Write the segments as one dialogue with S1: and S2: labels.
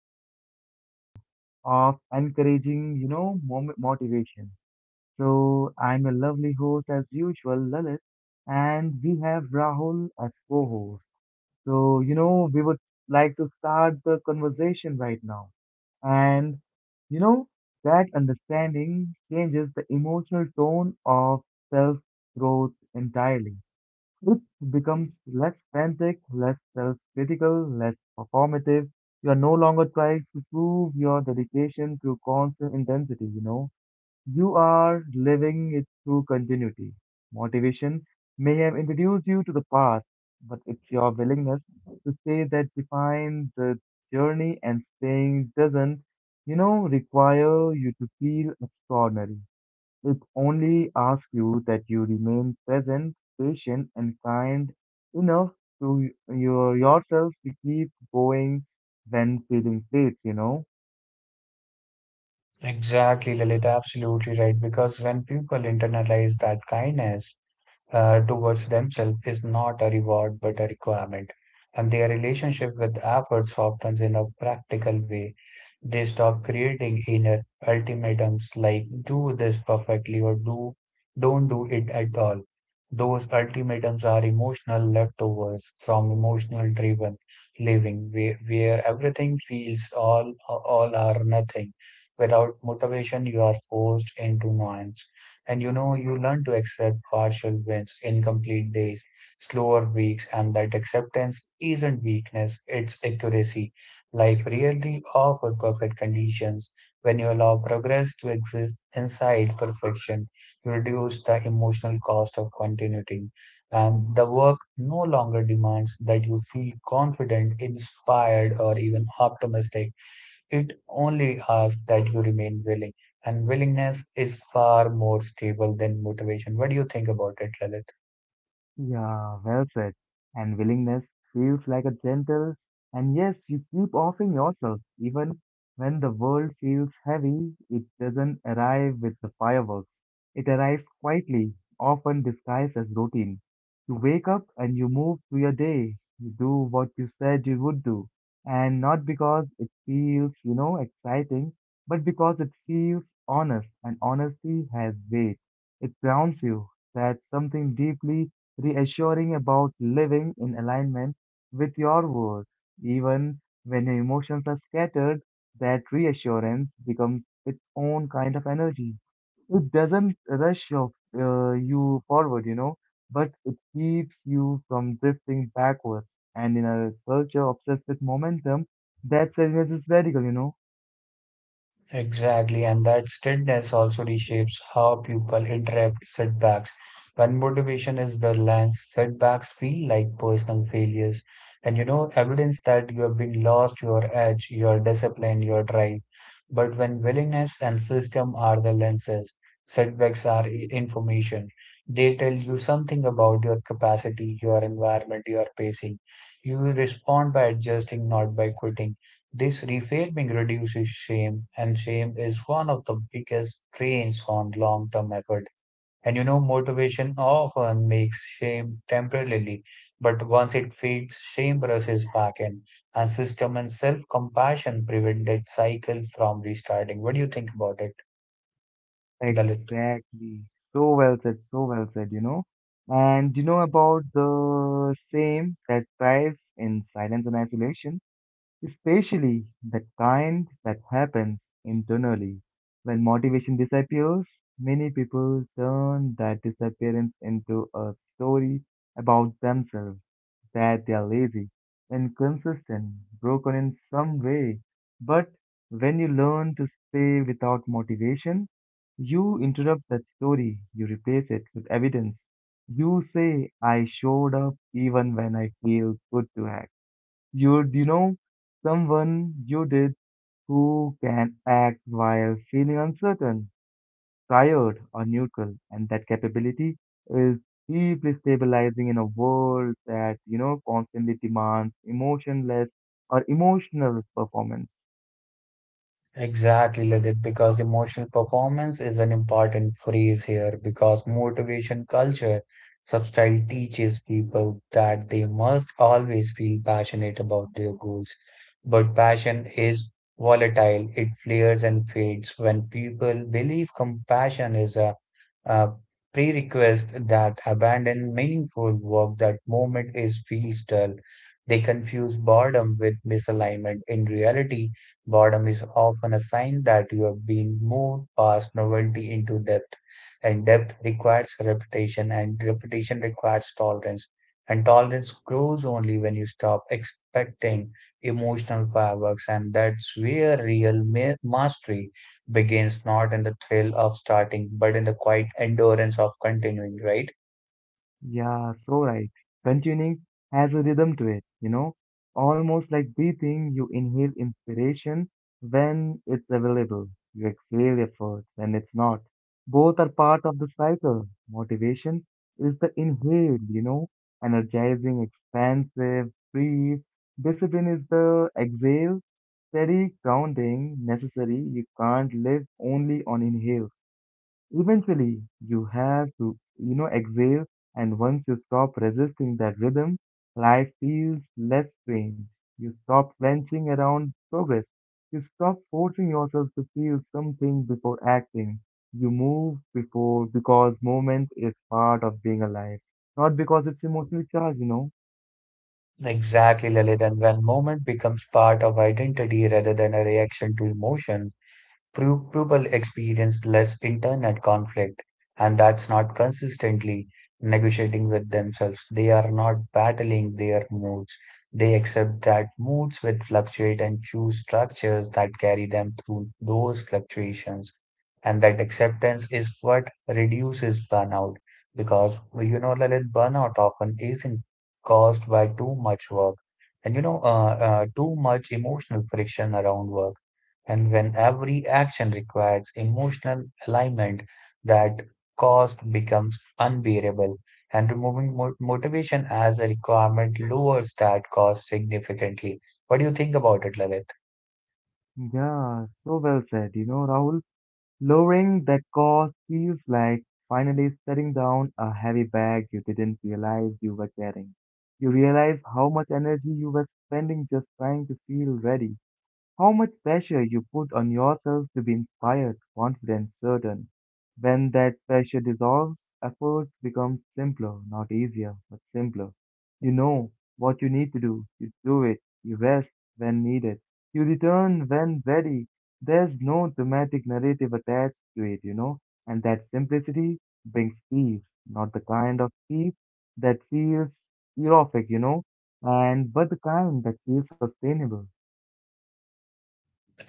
S1: to the part two of encouraging, motivation. So I'm your lovely host as usual, Lalit, and we have Rahul as co-host. So we would like to start the conversation right now, and you know that understanding changes the emotional tone of self-growth entirely. It becomes less frantic, less self critical, less performative. You are no longer trying to prove your dedication through constant intensity, you know. You are living it through continuity. Motivation may have introduced you to the path, but it's your willingness to stay that defines the journey and staying doesn't, require you to feel extraordinary. It only asks you that you remain present, patient, and kind enough to yourself to keep going when feeling plates.
S2: Exactly, Lalit, absolutely right. Because when people internalize that kindness, towards themselves is not a reward but a requirement. And their relationship with effort softens in a practical way. They stop creating inner ultimatums like do this perfectly or do don't do it at all. Those ultimatums are emotional leftovers from emotional driven living where everything feels all or nothing. Without motivation you are forced into noise. And you know, you learn to accept partial wins, incomplete days, slower weeks, and that acceptance isn't weakness, it's accuracy. Life really offers perfect conditions. When you allow progress to exist inside perfection, you reduce the emotional cost of continuity. And the work no longer demands that you feel confident, inspired, or even optimistic. It only asks that you remain willing, and willingness is far more stable than motivation. What do you think about it, Lalit?
S1: Yeah, well said. And willingness feels like a gentle, and yes, you keep offering yourself. Even when the world feels heavy, it doesn't arrive with the fireworks. It arrives quietly, often disguised as routine. You wake up and you move through your day. You do what you said you would do. And not because it feels, exciting, but because it feels honest, and honesty has weight. It grounds you. That's something deeply reassuring about living in alignment with your word. Even when your emotions are scattered, that reassurance becomes its own kind of energy. It doesn't rush your, you forward, but it keeps you from drifting backwards. And in a culture obsessed with momentum, that silence is radical.
S2: Exactly, and that strictness also reshapes how people interpret setbacks. When motivation is the lens, setbacks feel like personal failures, and you know, evidence that you have been lost your edge, your discipline, your drive. But when willingness and system are the lenses, setbacks are information. They tell you something about your capacity, your environment, your pacing. You respond by adjusting, not by quitting. This reframing reduces shame, and shame is one of the biggest drains on long term effort. And you know, motivation often makes shame temporarily, but once it fades, shame rushes back in, and system and self compassion prevent that cycle from restarting. What do you think about it, Lalit?
S1: Exactly. So well said, so well said. And you know about the same that thrives in silence and isolation, especially the kind that happens internally. When motivation disappears, many people turn that disappearance into a story about themselves that they are lazy, inconsistent, broken in some way. But when you learn to stay without motivation, you interrupt that story, you replace it with evidence. You say, I showed up even when I feel good to act. You, someone you did who can act while feeling uncertain tired or neutral, and that capability is deeply stabilizing in a world that constantly demands emotionless or emotional performance.
S2: Exactly, Lalit, because emotional performance is an important phrase here because motivation culture substyle teaches people that they must always feel passionate about their goals. But passion is volatile, it flares and fades. When people believe compassion is a prerequisite that abandon meaningful work, that moment is feels dull. They confuse boredom with misalignment. In reality, boredom is often a sign that you have been moved past novelty into depth, and depth requires repetition, and repetition requires tolerance. And tolerance grows only when you stop expecting emotional fireworks, and that's where real mastery begins, not in the thrill of starting, but in the quiet endurance of continuing, right?
S1: Yeah, so right. Continuing has a rhythm to it, almost like breathing. You inhale inspiration when it's available, you exhale effort when it's not. Both are part of the cycle. Motivation is the inhale, energizing, expansive, free. Discipline is the exhale, steady, grounding, necessary. You can't live only on inhale. Eventually, you have to, exhale, and once you stop resisting that rhythm, life feels less strange. You stop wrenching around progress. You stop forcing yourself to feel something before acting. You move before because movement is part of being alive, not because it's emotionally charged.
S2: Exactly, Lalit. And when moment becomes part of identity rather than a reaction to emotion, people experience less internal conflict, and that's not consistently negotiating with themselves. They are not battling their moods. They accept that moods will fluctuate and choose structures that carry them through those fluctuations. And that acceptance is what reduces burnout because, you know, Lalit, burnout often isn't caused by too much work and, you know, too much emotional friction around work and when every action requires emotional alignment, that cost becomes unbearable. And removing motivation as a requirement lowers that cost significantly. What do you think about it, Lalit?
S1: Yeah, so well said, Rahul. Lowering that cost feels like finally setting down a heavy bag you didn't realize you were carrying. You realize how much energy you were spending just trying to feel ready. How much pressure you put on yourself to be inspired, confident, certain. When that pressure dissolves, effort becomes simpler, not easier, but simpler. You know what you need to do, you do it, you rest when needed, you return when ready. There's no dramatic narrative attached to it, and that simplicity brings peace, not the kind of peace that feels erotic, and but the kind that feels sustainable.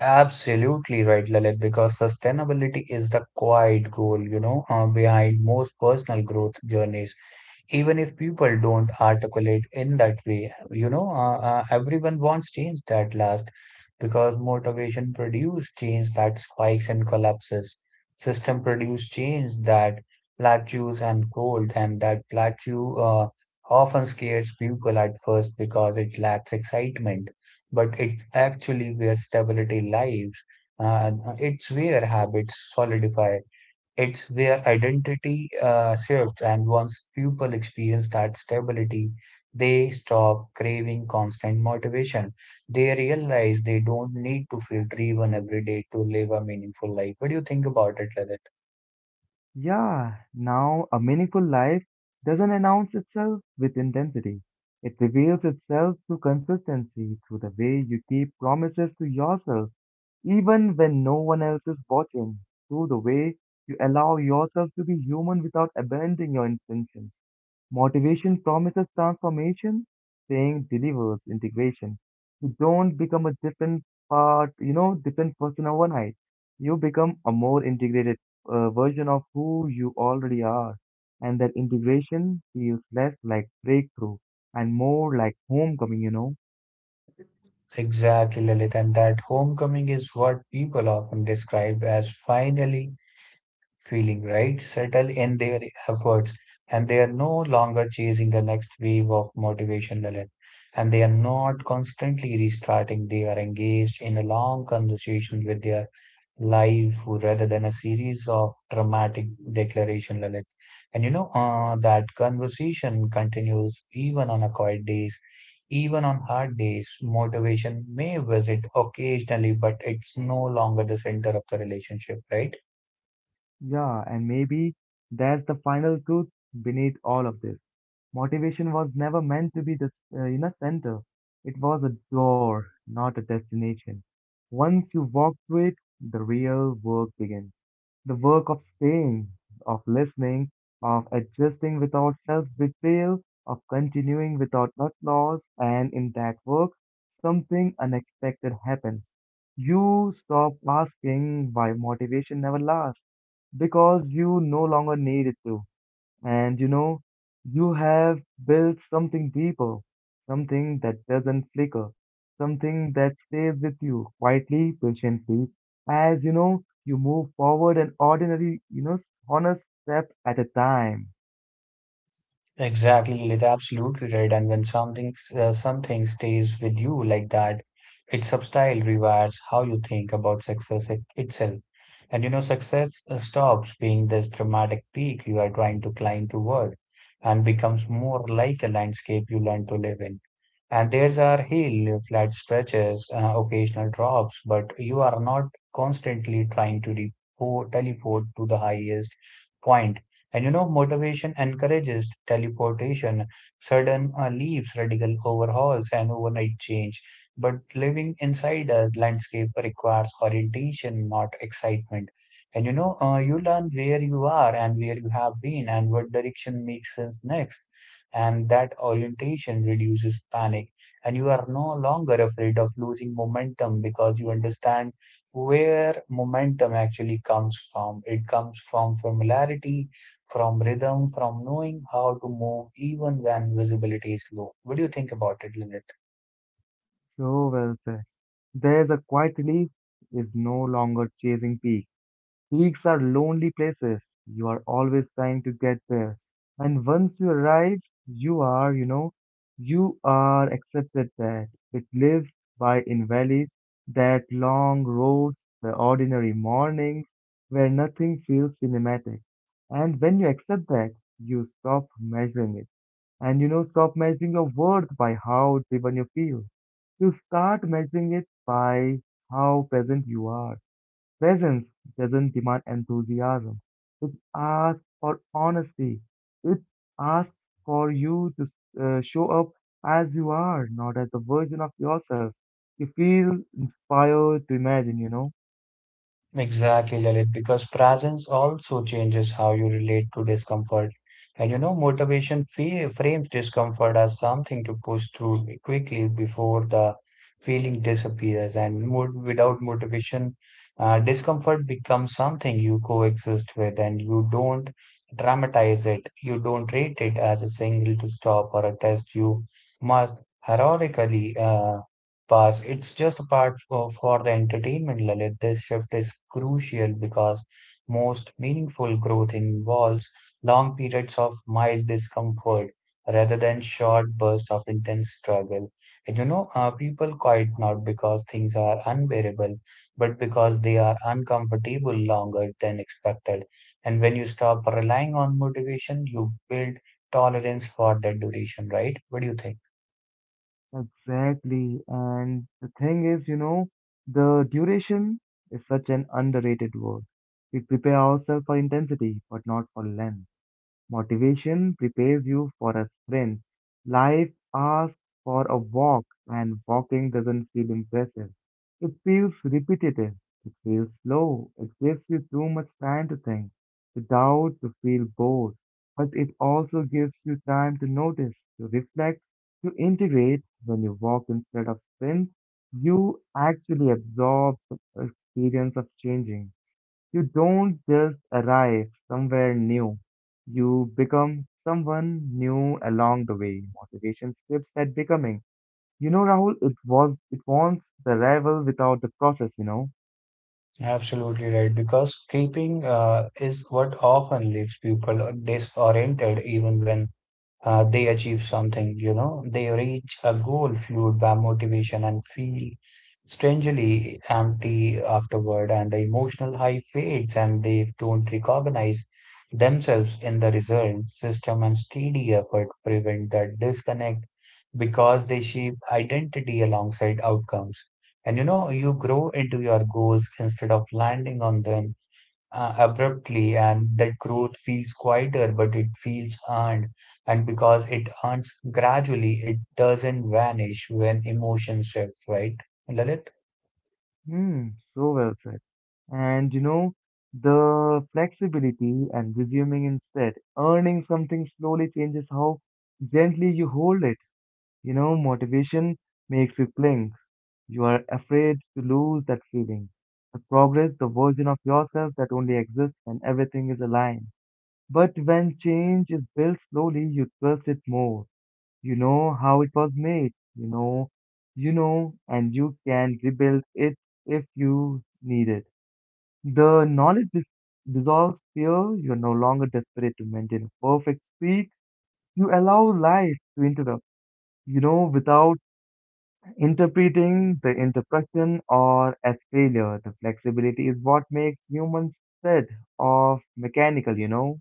S2: Absolutely right, Lalit, because sustainability is the quiet goal, you know, behind most personal growth journeys. Even if people don't articulate in that way, you know, everyone wants change that lasts because motivation produces change that spikes and collapses. System produce change that plateaus and cold, and that plateau, often scares people at first because it lacks excitement, but it's actually where stability lies. uh, it's where habits solidify, it's where identity shifts, and once people experience that stability, they stop craving constant motivation. They realize they don't need to feel driven every day to live a meaningful life. What do you think about it, Lalit?
S1: Yeah, now a meaningful life doesn't announce itself with intensity. It reveals itself through consistency, through the way you keep promises to yourself even when no one else is watching, through the way you allow yourself to be human without abandoning your intentions. Motivation promises transformation, saying delivers integration. You don't become a different part, different person overnight. You become a more integrated version of who you already are. And that integration feels less like breakthrough and more like homecoming.
S2: Exactly, Lalit. And that homecoming is what people often describe as finally feeling, right? Settle in their efforts, and they are no longer chasing the next wave of motivation, Lalit. And they are not constantly restarting. They are engaged in a long conversation with their life rather than a series of dramatic declaration, Lalit. And you know, that conversation continues even on a quiet days. Even on hard days, motivation may visit occasionally, but it's no longer the center of the relationship, right?
S1: Yeah, and maybe that's the final truth beneath all of this. Motivation was never meant to be the, center. It was a door, not a destination. Once you walk through it, the real work begins. The work of staying, of listening, of adjusting without self-betrayal, of continuing without applause, and in that work, something unexpected happens. You stop asking why motivation never lasts because you no longer need it to. And you have built something deeper, something that doesn't flicker, something that stays with you quietly, patiently, as you move forward an ordinary, honest step at a time.
S2: Exactly, Lilith, absolutely right. And when something something stays with you like that, its substyle rewires how you think about success itself. And you know, success stops being this dramatic peak you are trying to climb toward and becomes more like a landscape you learn to live in. And there's our hill, flat stretches, occasional drops, but you are not constantly trying to repo teleport to the highest point. And you know, motivation encourages teleportation, sudden leaps, radical overhauls, and overnight change. But living inside a landscape requires orientation, not excitement. And you know, you learn where you are and where you have been and what direction makes sense next. And that orientation reduces panic. And you are no longer afraid of losing momentum because you understand where momentum actually comes from. It comes from familiarity, from rhythm, from knowing how to move even when visibility is low. What do you think about it, Lynette?
S1: So well said. There's a quiet relief is no longer chasing peaks. Peaks are lonely places. You are always trying to get there. And once you arrive, you are, you know, you are accepted there. It lives by in valleys that long roads, the ordinary mornings where nothing feels cinematic. And when you accept that, you stop measuring it. And stop measuring your worth by how driven you feel. You start measuring it by how present you are. Presence doesn't demand enthusiasm. It asks for honesty. It asks for you to show up as you are, not as a version of yourself. You feel inspired to imagine, you know?
S2: Exactly, Lalit, because presence also changes how you relate to discomfort. And you know, motivation fe frames discomfort as something to push through quickly before the feeling disappears. And mo without motivation, discomfort becomes something you coexist with, and you don't dramatize it. You don't rate it as a signal to stop or a test you must heroically pass. It's just a part for the entertainment, Lalit. This shift is crucial because most meaningful growth involves long periods of mild discomfort rather than short bursts of intense struggle. And you know, people quit not because things are unbearable, but because they are uncomfortable longer than expected. And when you stop relying on motivation, you build tolerance for that duration, right? What do you think?
S1: Exactly. And the thing is, the duration is such an underrated word. We prepare ourselves for intensity, but not for length. Motivation prepares you for a sprint. Life asks for a walk, and walking doesn't feel impressive. It feels repetitive. It feels slow. It gives you too much time to think, to doubt, to feel bored. But it also gives you time to notice, to reflect, to integrate. When you walk instead of sprint, you actually absorb the experience of changing. You don't just arrive somewhere new, you become someone new along the way. Motivation skips that becoming. Rahul, it wants the arrival without the process.
S2: Absolutely right, because keeping is what often leaves people disoriented, even when they achieve something, you know, they reach a goal fueled by motivation and feel strangely empty afterward, and the emotional high fades and they don't recognize themselves in the result. System and steady effort prevent that disconnect because they shape identity alongside outcomes. And you know, you grow into your goals instead of landing on them abruptly, and that growth feels quieter, but it feels earned. And because it earns gradually, it doesn't vanish when emotions shift, right, Lalit?
S1: Hmm, so well said. And the flexibility and resuming instead, earning something slowly changes how gently you hold it. Motivation makes you cling. You are afraid to lose that feeling, the progress, the version of yourself that only exists when everything is aligned. But when change is built slowly, you trust it more. You know how it was made, and you can rebuild it if you need it. The knowledge dissolves fear. You're no longer desperate to maintain a perfect speed. You allow life to interrupt, without interpreting the interruption or as failure. The flexibility is what makes humans set off mechanical.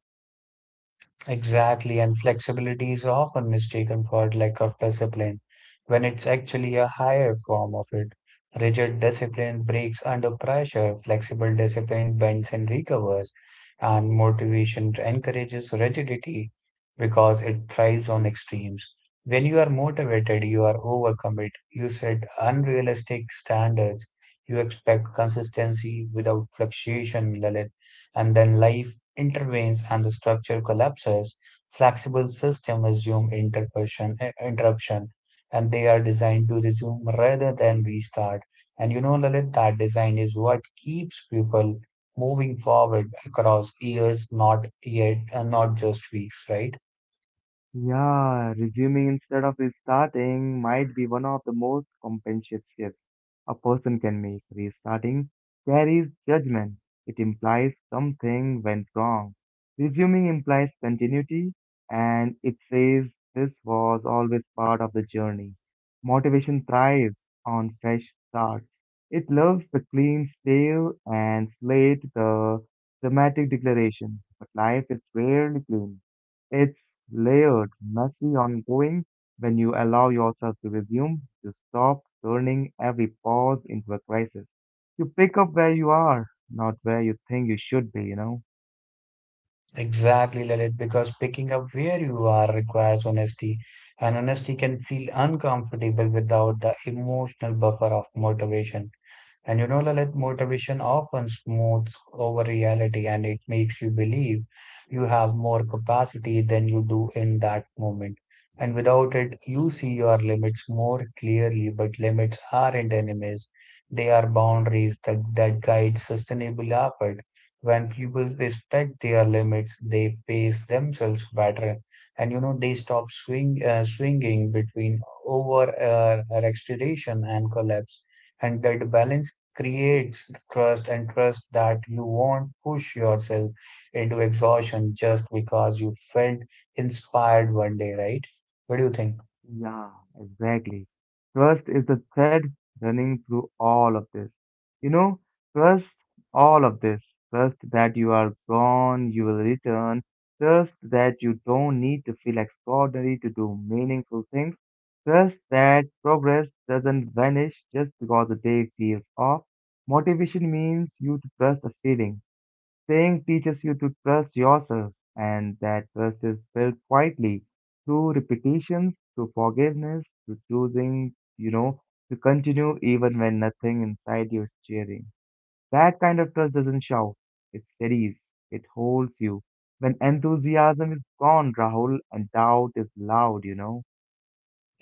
S2: Exactly, and flexibility is often mistaken for lack of discipline when it's actually a higher form of it. Rigid discipline breaks under pressure, flexible discipline bends and recovers, and motivation encourages rigidity because it thrives on extremes. When you are motivated, you are overcommit, you set unrealistic standards, you expect consistency without fluctuation, Lalit, and then life intervenes and the structure collapses. Flexible systems assume interruption, and they are designed to resume rather than restart. And you know, Lalit, that design is what keeps people moving forward across years, not yet, and not just weeks, right?
S1: Yeah, resuming instead of restarting might be one of the most compensate shifts a person can make. Restarting carries judgment. It implies something went wrong. Resuming implies continuity and it says this was always part of the journey. Motivation thrives on fresh starts. It loves the clean slate and slate the dramatic declaration, but life is rarely clean. It's layered, messy, ongoing. When you allow yourself to resume, you stop turning every pause into a crisis. You pick up where you are, not where you think you should be.
S2: Exactly, Lalit, because picking up where you are requires honesty, and honesty can feel uncomfortable without the emotional buffer of motivation. And you know, Lalit, motivation often smooths over reality and it makes you believe you have more capacity than you do in that moment. And without it, you see your limits more clearly, but limits aren't enemies. They are boundaries that guide sustainable effort. When people respect their limits, they pace themselves better. And you know, they stop swinging between over exaggeration and collapse, and that balance creates trust, and trust that you won't push yourself into exhaustion just because you felt inspired one day, right? What do you think?
S1: Yeah, exactly. Trust is the thread running through all of this. You know, Trust all of this. Trust that you are gone, you will return. Trust that you don't need to feel extraordinary to do meaningful things. Trust that progress doesn't vanish just because the day feels off. Motivation means you to trust a feeling. Staying teaches you to trust yourself, and that trust is built quietly through repetitions, through forgiveness, through choosing, to continue even when nothing inside you is cheering. That kind of trust doesn't shout, it steadies, it holds you. When enthusiasm is gone, Rahul, and doubt is loud.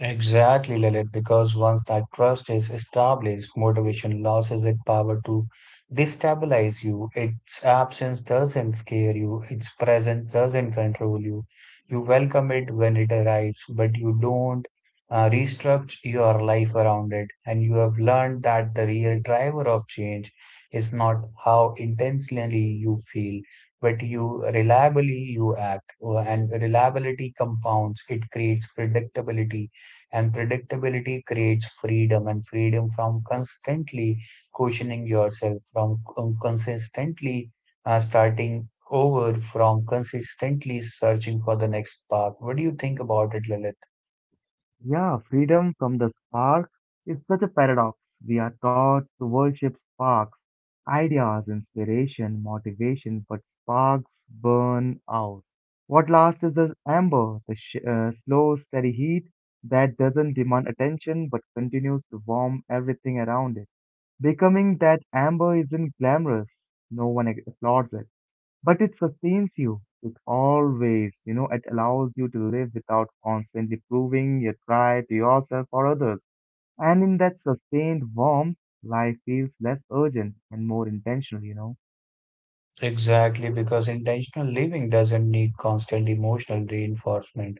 S2: Exactly, Lalit, because once that trust is established, motivation loses its power to destabilize you. Its absence doesn't scare you, its presence doesn't control you. You welcome it when it arrives, but you don't restructure your life around it. And you have learned that the real driver of change is not how intensely you feel, but you reliably you act. And reliability compounds, it creates predictability, and predictability creates freedom, and freedom from constantly questioning yourself, from consistently starting over, from consistently searching for the next path. What do you think about it, Lilith?
S1: Yeah, freedom from the spark is such a paradox. We are taught to worship spark ideas, inspiration, motivation, but sparks burn out. What lasts is the amber, the slow, steady heat that doesn't demand attention but continues to warm everything around it. Becoming that amber isn't glamorous, no one applauds it, but it sustains you. It allows you to live without constantly proving your try to yourself or others. And in that sustained warmth, life feels less urgent and more intentional.
S2: Exactly, because intentional living doesn't need constant emotional reinforcement.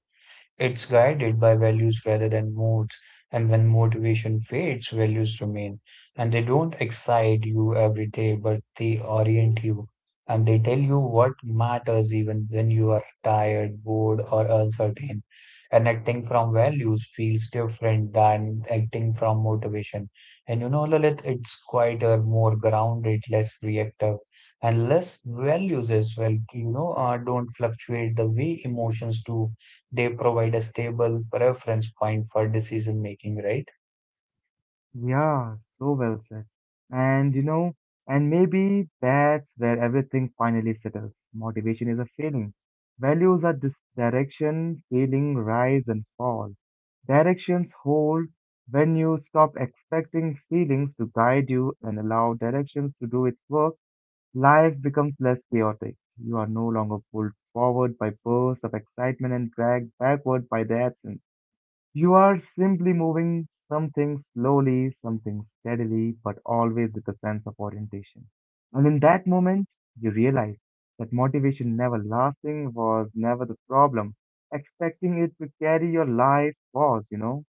S2: It's guided by values rather than modes, and when motivation fades, values remain. And they don't excite you every day, but they orient you. And they tell you what matters even when you are tired, bored, or uncertain. And acting from values feels different than acting from motivation. And you know, Lalit, it's quieter, more grounded, less reactive, and less values as well. You know, don't fluctuate the way emotions do. They provide a stable reference point for decision making, right?
S1: Yeah, so well said. And you know, and maybe that's where everything finally settles. Motivation is a feeling. Values are direction, feeling rise and fall. Directions hold when you stop expecting feelings to guide you and allow directions to do its work. Life becomes less chaotic. You are no longer pulled forward by bursts of excitement and dragged backward by the absence. You are simply moving something slowly, something steadily, but always with a sense of orientation. And in that moment, you realize that motivation never lasting was never the problem. Expecting it to carry your life was.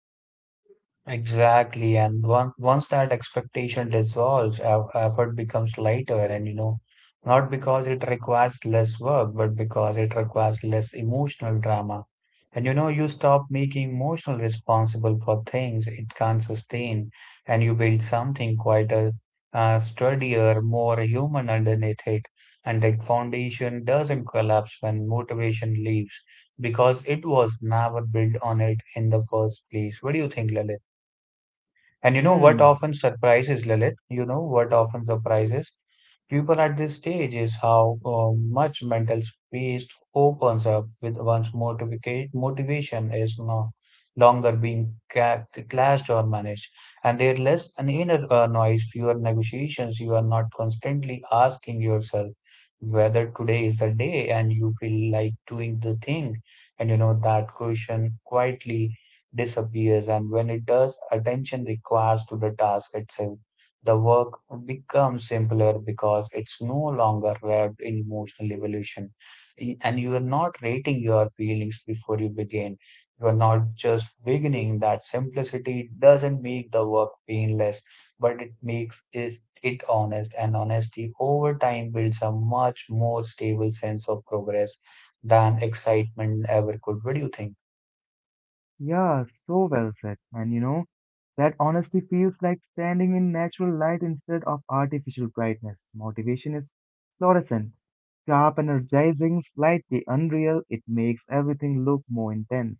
S2: Exactly. And once that expectation dissolves, effort becomes lighter. And, you know, not because it requires less work, but because it requires less emotional drama. And, you know, you stop making emotional responsible for things it can't sustain, and you build something quieter, sturdier, more human underneath it. And that foundation doesn't collapse when motivation leaves because it was never built on it in the first place. What do you think, Lalit? And you know what
S1: Hmm.
S2: often surprises Lilith? You know what often surprises people at this stage is how much mental space opens up with motivation is no longer being clashed or managed, and there less an inner noise, fewer negotiations. You are not constantly asking yourself whether today is the day and you feel like doing the thing, and you know that question quietly disappears, and when it does attention requires to the task itself. The work becomes simpler because it's no longer wrapped in emotional evolution. And you are not rating your feelings before you begin. You are not just beginning. That simplicity doesn't make the work painless, but it makes it honest. And honesty over time builds a much more stable sense of progress than excitement ever could. What do you think?
S1: Yeah, so well said. And you know, that honestly feels like standing in natural light instead of artificial brightness. Motivation is fluorescent. Sharp, energizing, slightly unreal, it makes everything look more intense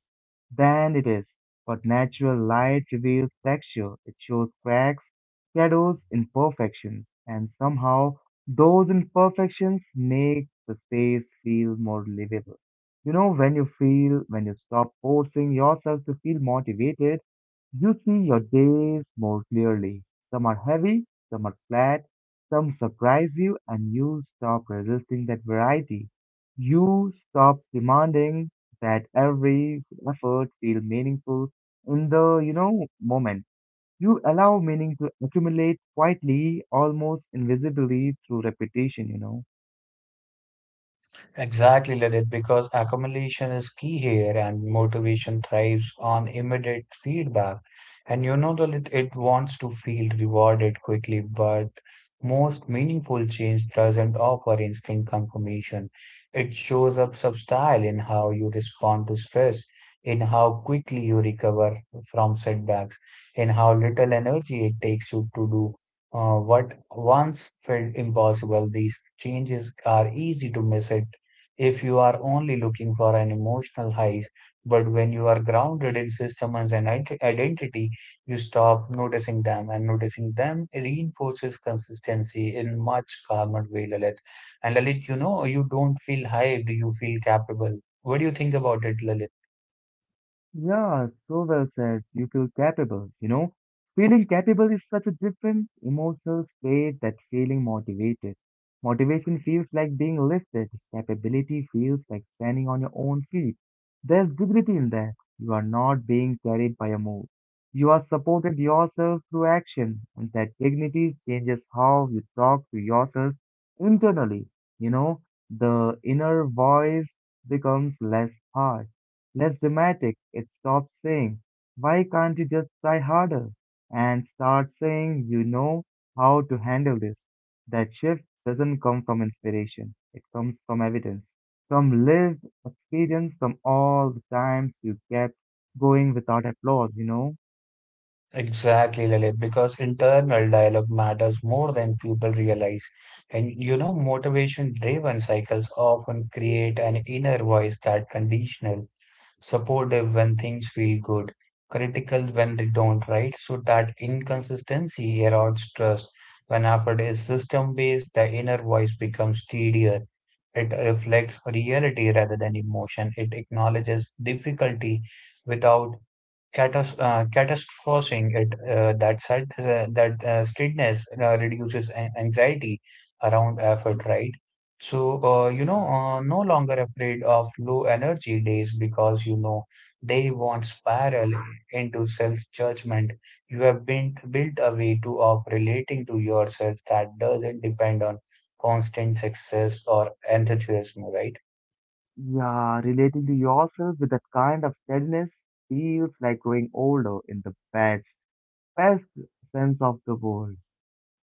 S1: than it is, but natural light reveals texture, it shows cracks, shadows, imperfections, and somehow those imperfections make the space feel more livable. You know, when you stop forcing yourself to feel motivated, you see your days more clearly. Some are heavy, some are flat, some surprise you, and you stop resisting that variety. You stop demanding that every effort feel meaningful in the moment. You allow meaning to accumulate quietly, almost invisibly through repetition.
S2: Exactly, Lalit, because accumulation is key here, and motivation thrives on immediate feedback. And you know, Lalit, it wants to feel rewarded quickly, but most meaningful change doesn't offer instant confirmation. It shows up subtle in how you respond to stress, in how quickly you recover from setbacks, in how little energy it takes you to do what once felt impossible. These changes are easy to miss it if you are only looking for an emotional highs. But when you are grounded in systems and identity, you stop noticing them, and noticing them reinforces consistency in much calmer way, Lalit. And Lalit, you know, you don't feel hyped, you feel capable. What do you think about it, Lalit?
S1: Yeah, so well said. You feel capable, you know? Feeling capable is such a different emotional state that feeling motivated. Motivation feels like being lifted. Capability feels like standing on your own feet. There's dignity in that. You are not being carried by a move. You are supported yourself through action, and that dignity changes how you talk to yourself internally. You know, the inner voice becomes less harsh less dramatic. It stops saying, "Why can't you just try harder?" and starts saying, "You know how to handle this." That shift doesn't come from inspiration, it comes from evidence, from lived experience, from all the times you kept going without applause, you know?
S2: Exactly, Lalit, because internal dialogue matters more than people realize. And you know, motivation driven cycles often create an inner voice that conditional, supportive when things feel good, critical when they don't, right? So that inconsistency erodes trust. When effort is system based, the inner voice becomes steadier. It reflects reality rather than emotion. It acknowledges difficulty without catastrophizing it. That sad, that straightness reduces anxiety around effort, right? So,
S1: Yeah.
S2: no longer afraid of low energy days because you know they won't spiral into self-judgment. You have been built a way to of relating to yourself that doesn't depend on constant success or enthusiasm, right?
S1: Yeah, relating to yourself with that kind of steadiness feels like growing older in the best, best sense of the word.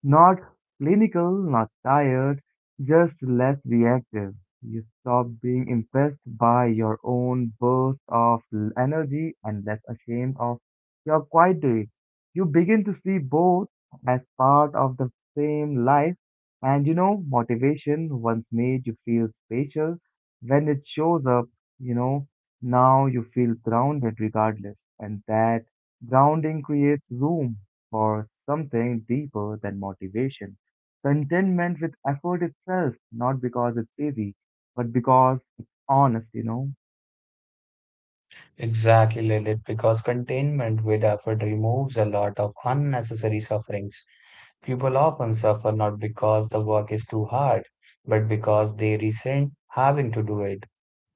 S1: Not clinical, not tired, just less reactive. You stop being impressed by your own burst of energy and less ashamed of your quiet days. You begin to see both as part of the same life. And you know, motivation once made you feel special. When it shows up, you know, now you feel grounded regardless. And that grounding creates room for something deeper than motivation. Contentment with effort itself, not because it's easy, but because it's honest.
S2: Exactly, Lilith, because containment with effort removes a lot of unnecessary sufferings. People often suffer not because the work is too hard, but because they resent having to do it.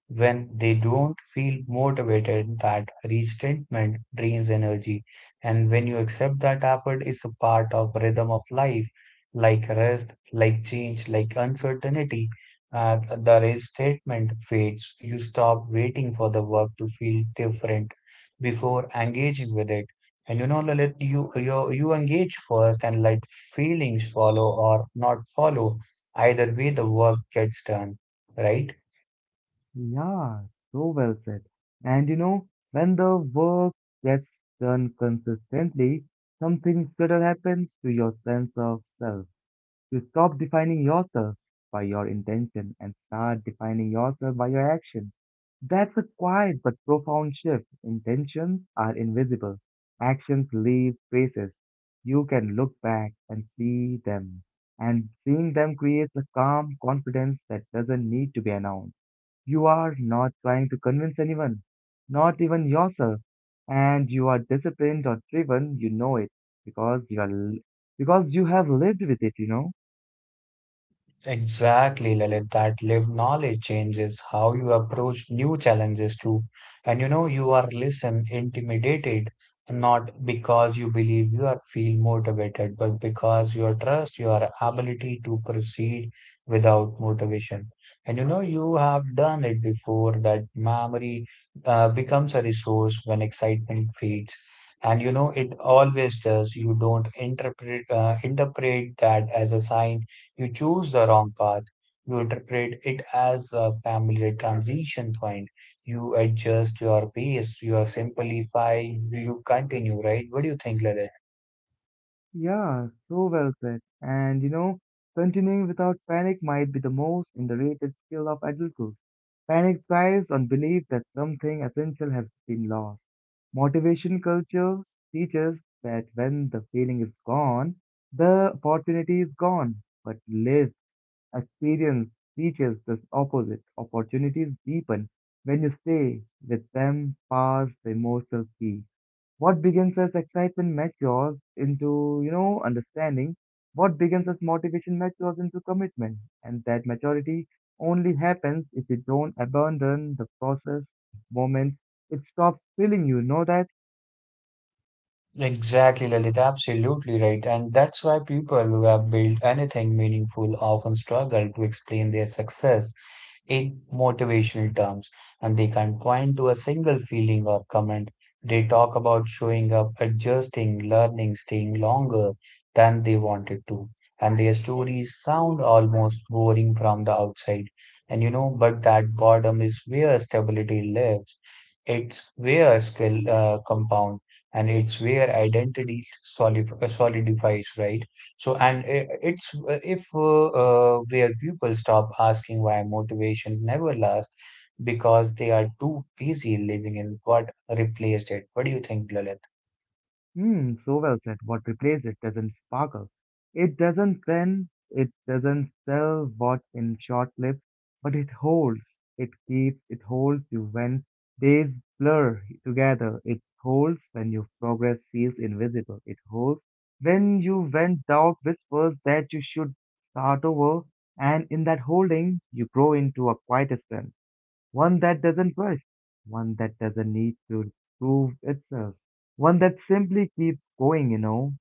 S2: When they don't feel motivated, that resentment drains energy. And when you accept that effort is a part of rhythm of life, like rest, like change, like uncertainty, the resentment fades. You stop waiting for the work to feel different before engaging with it. And you know, Lalit, you engage first and let feelings follow or not follow. Either way, the work gets done, right?
S1: Yeah, so well said. And you know, when the work gets done consistently, something subtle happens to your sense of self. You stop defining yourself by your intention and start defining yourself by your action. That's a quiet but profound shift. Intentions are invisible. Actions leave traces. You can look back and see them. And seeing them creates a calm confidence that doesn't need to be announced. You are not trying to convince anyone, not even yourself. And you are disciplined or driven, you know it because you are, because you have lived with it.
S2: Exactly, Lalit, that lived knowledge changes how you approach new challenges too. And you know, you are less intimidated, not because you believe you are feel motivated, but because you trust your ability to proceed without motivation. And you know, you have done it before that memory becomes a resource when excitement fades. And you know, it always does. You don't interpret that as a sign you choose the wrong path. You interpret it as a family transition point. You adjust your pace. You are simplify. You continue, right? What do you think, Lalit?
S1: Yeah, so well said. And you know, continuing without panic might be the most underrated skill of adulthood. Panic thrives on belief that something essential has been lost. Motivation culture teaches that when the feeling is gone, the opportunity is gone. But lived experience teaches the opposite. Opportunities deepen when you stay with them past the emotional peak. What begins as excitement matures into understanding. What begins as motivation matures into commitment. And that maturity only happens if you don't abandon the process moment. It stops filling you, know that?
S2: Exactly, Lalit. Absolutely right. And that's why people who have built anything meaningful often struggle to explain their success in motivational terms, and they can point to a single feeling or comment. They talk about showing up, adjusting, learning, staying longer than they wanted to. And their stories sound almost boring from the outside. And you know, but that boredom is where stability lives. It's where skill compound, and it's where identity solidifies, right? So, and it's if where people stop asking why motivation never lasts because they are too busy living in what replaced it. What do you think, Lalit?
S1: Hmm, so well said. What replaces it doesn't sparkle. It doesn't trend, it doesn't sell what in short lives, but it holds, it keeps, it holds you when days blur together. It holds when your progress feels invisible. It holds when you when doubt whispers that you should start over, and in that holding, you grow into a quiet strength. One that doesn't rush, one that doesn't need to prove itself, one that simply keeps going, you know.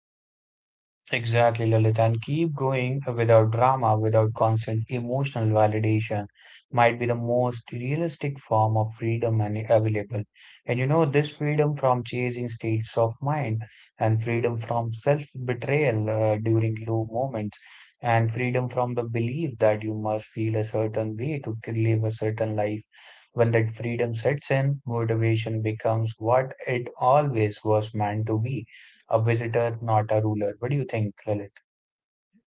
S2: Exactly, Lalit, and keep going without drama, without constant emotional validation, might be the most realistic form of freedom and available. And you know, this freedom from chasing states of mind, and freedom from self-betrayal during low moments, and freedom from the belief that you must feel a certain way to live a certain life. When that freedom sets in, motivation becomes what it always was meant to be a visitor, not a ruler. What do you think, Lalit?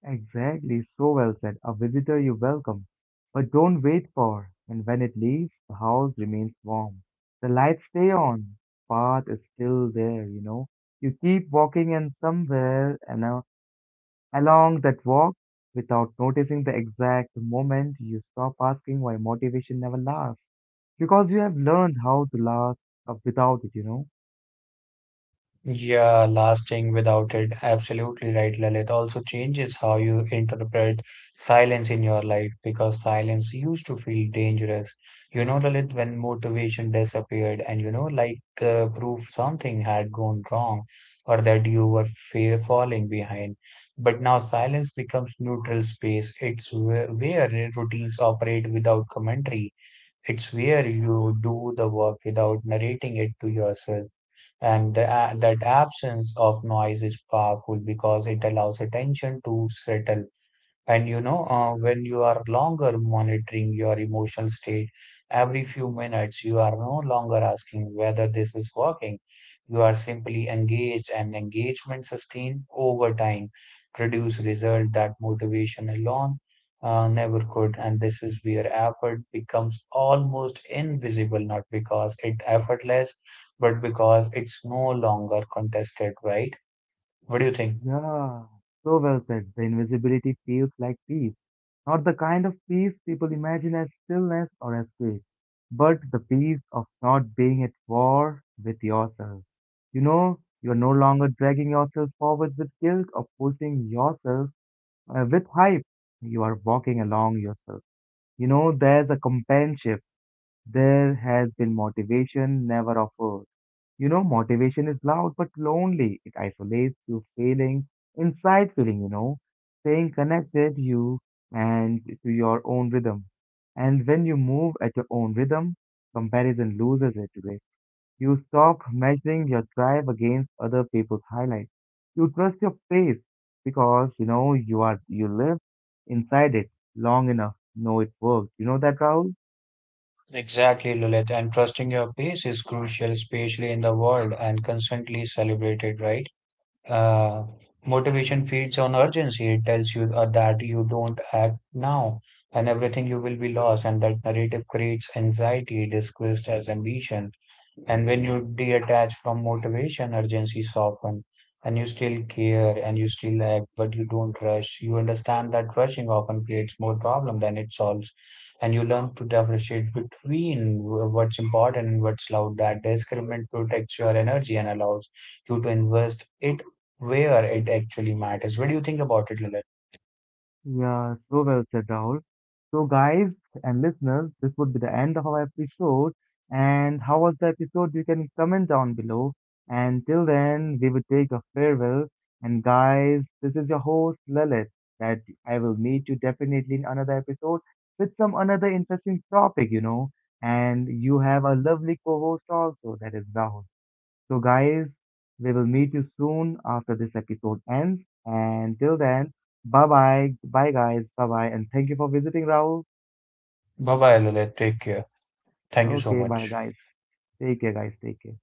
S1: Exactly, so well said. A visitor you welcome, but don't wait for. And when it leaves, the house remains warm. The lights stay on, path is still there, you know. You keep walking, and somewhere and along that walk, without noticing the exact moment, you stop asking why motivation never lasts. Because you have learned how to last without it, you know?
S2: Yeah, lasting without it. Absolutely right, Lalit. Also changes how you interpret silence in your life because silence used to feel dangerous. You know, Lalit, when motivation disappeared and you know, like proof something had gone wrong or that you were fear falling behind. But now silence becomes neutral space. It's where routines operate without commentary. It's where you do the work without narrating it to yourself. And the, a that absence of noise is powerful because it allows attention to settle. And you know, when you are longer monitoring your emotional state, every few minutes, you are no longer asking whether this is working. You are simply engaged, and engagement sustained over time produce results that motivation alone never could. And this is where effort becomes almost invisible, not because it effortless, but because it's no longer contested, right? What do you think?
S1: Yeah, so well said. The invisibility feels like peace. Not the kind of peace people imagine as stillness or as peace, but the peace of not being at war with yourself. You know, you're no longer dragging yourself forward with guilt or pushing yourself with hype. You are walking along yourself. You know, there's a companionship. There has been motivation, never offered. You know, motivation is loud but lonely. It isolates you feeling inside feeling, you know, staying connected you and to your own rhythm. And when you move at your own rhythm, comparison loses it today. You stop measuring your drive against other people's highlights. You trust your pace because you know you are you live inside it long enough. Know it works. You know that, Rahul?
S2: Exactly, Lilith, and trusting your pace is crucial, especially in the world and constantly celebrated, right? Uh, Motivation feeds on urgency. It tells you that you don't act now and everything you will be lost, and that narrative creates anxiety disguised as ambition. And when you detach from motivation, urgency soften, and you still care and you still act, but you don't rush. You understand that rushing often creates more problem than it solves, and you learn to differentiate between what's important and what's loud. That discernment protects your energy and allows you to invest it where it actually matters. What do you think about it, Lilith?
S1: Yeah, so well said, Rahul. So, guys and listeners, this would be the end of our episode. And how was the episode? You can comment down below. And till then, we will take a farewell. And, guys, this is your host, Lalit, that I will meet you definitely in another episode with some another interesting topic, you know. And you have a lovely co host also, that is Rahul. So, guys, we will meet you soon after this episode ends. And till then, bye bye. Bye, guys. Bye bye. And thank you for visiting, Rahul.
S2: Bye bye, Lilith. Take care. Thank you so
S1: Okay, bye,
S2: much.
S1: guys. Take care, guys. Take care.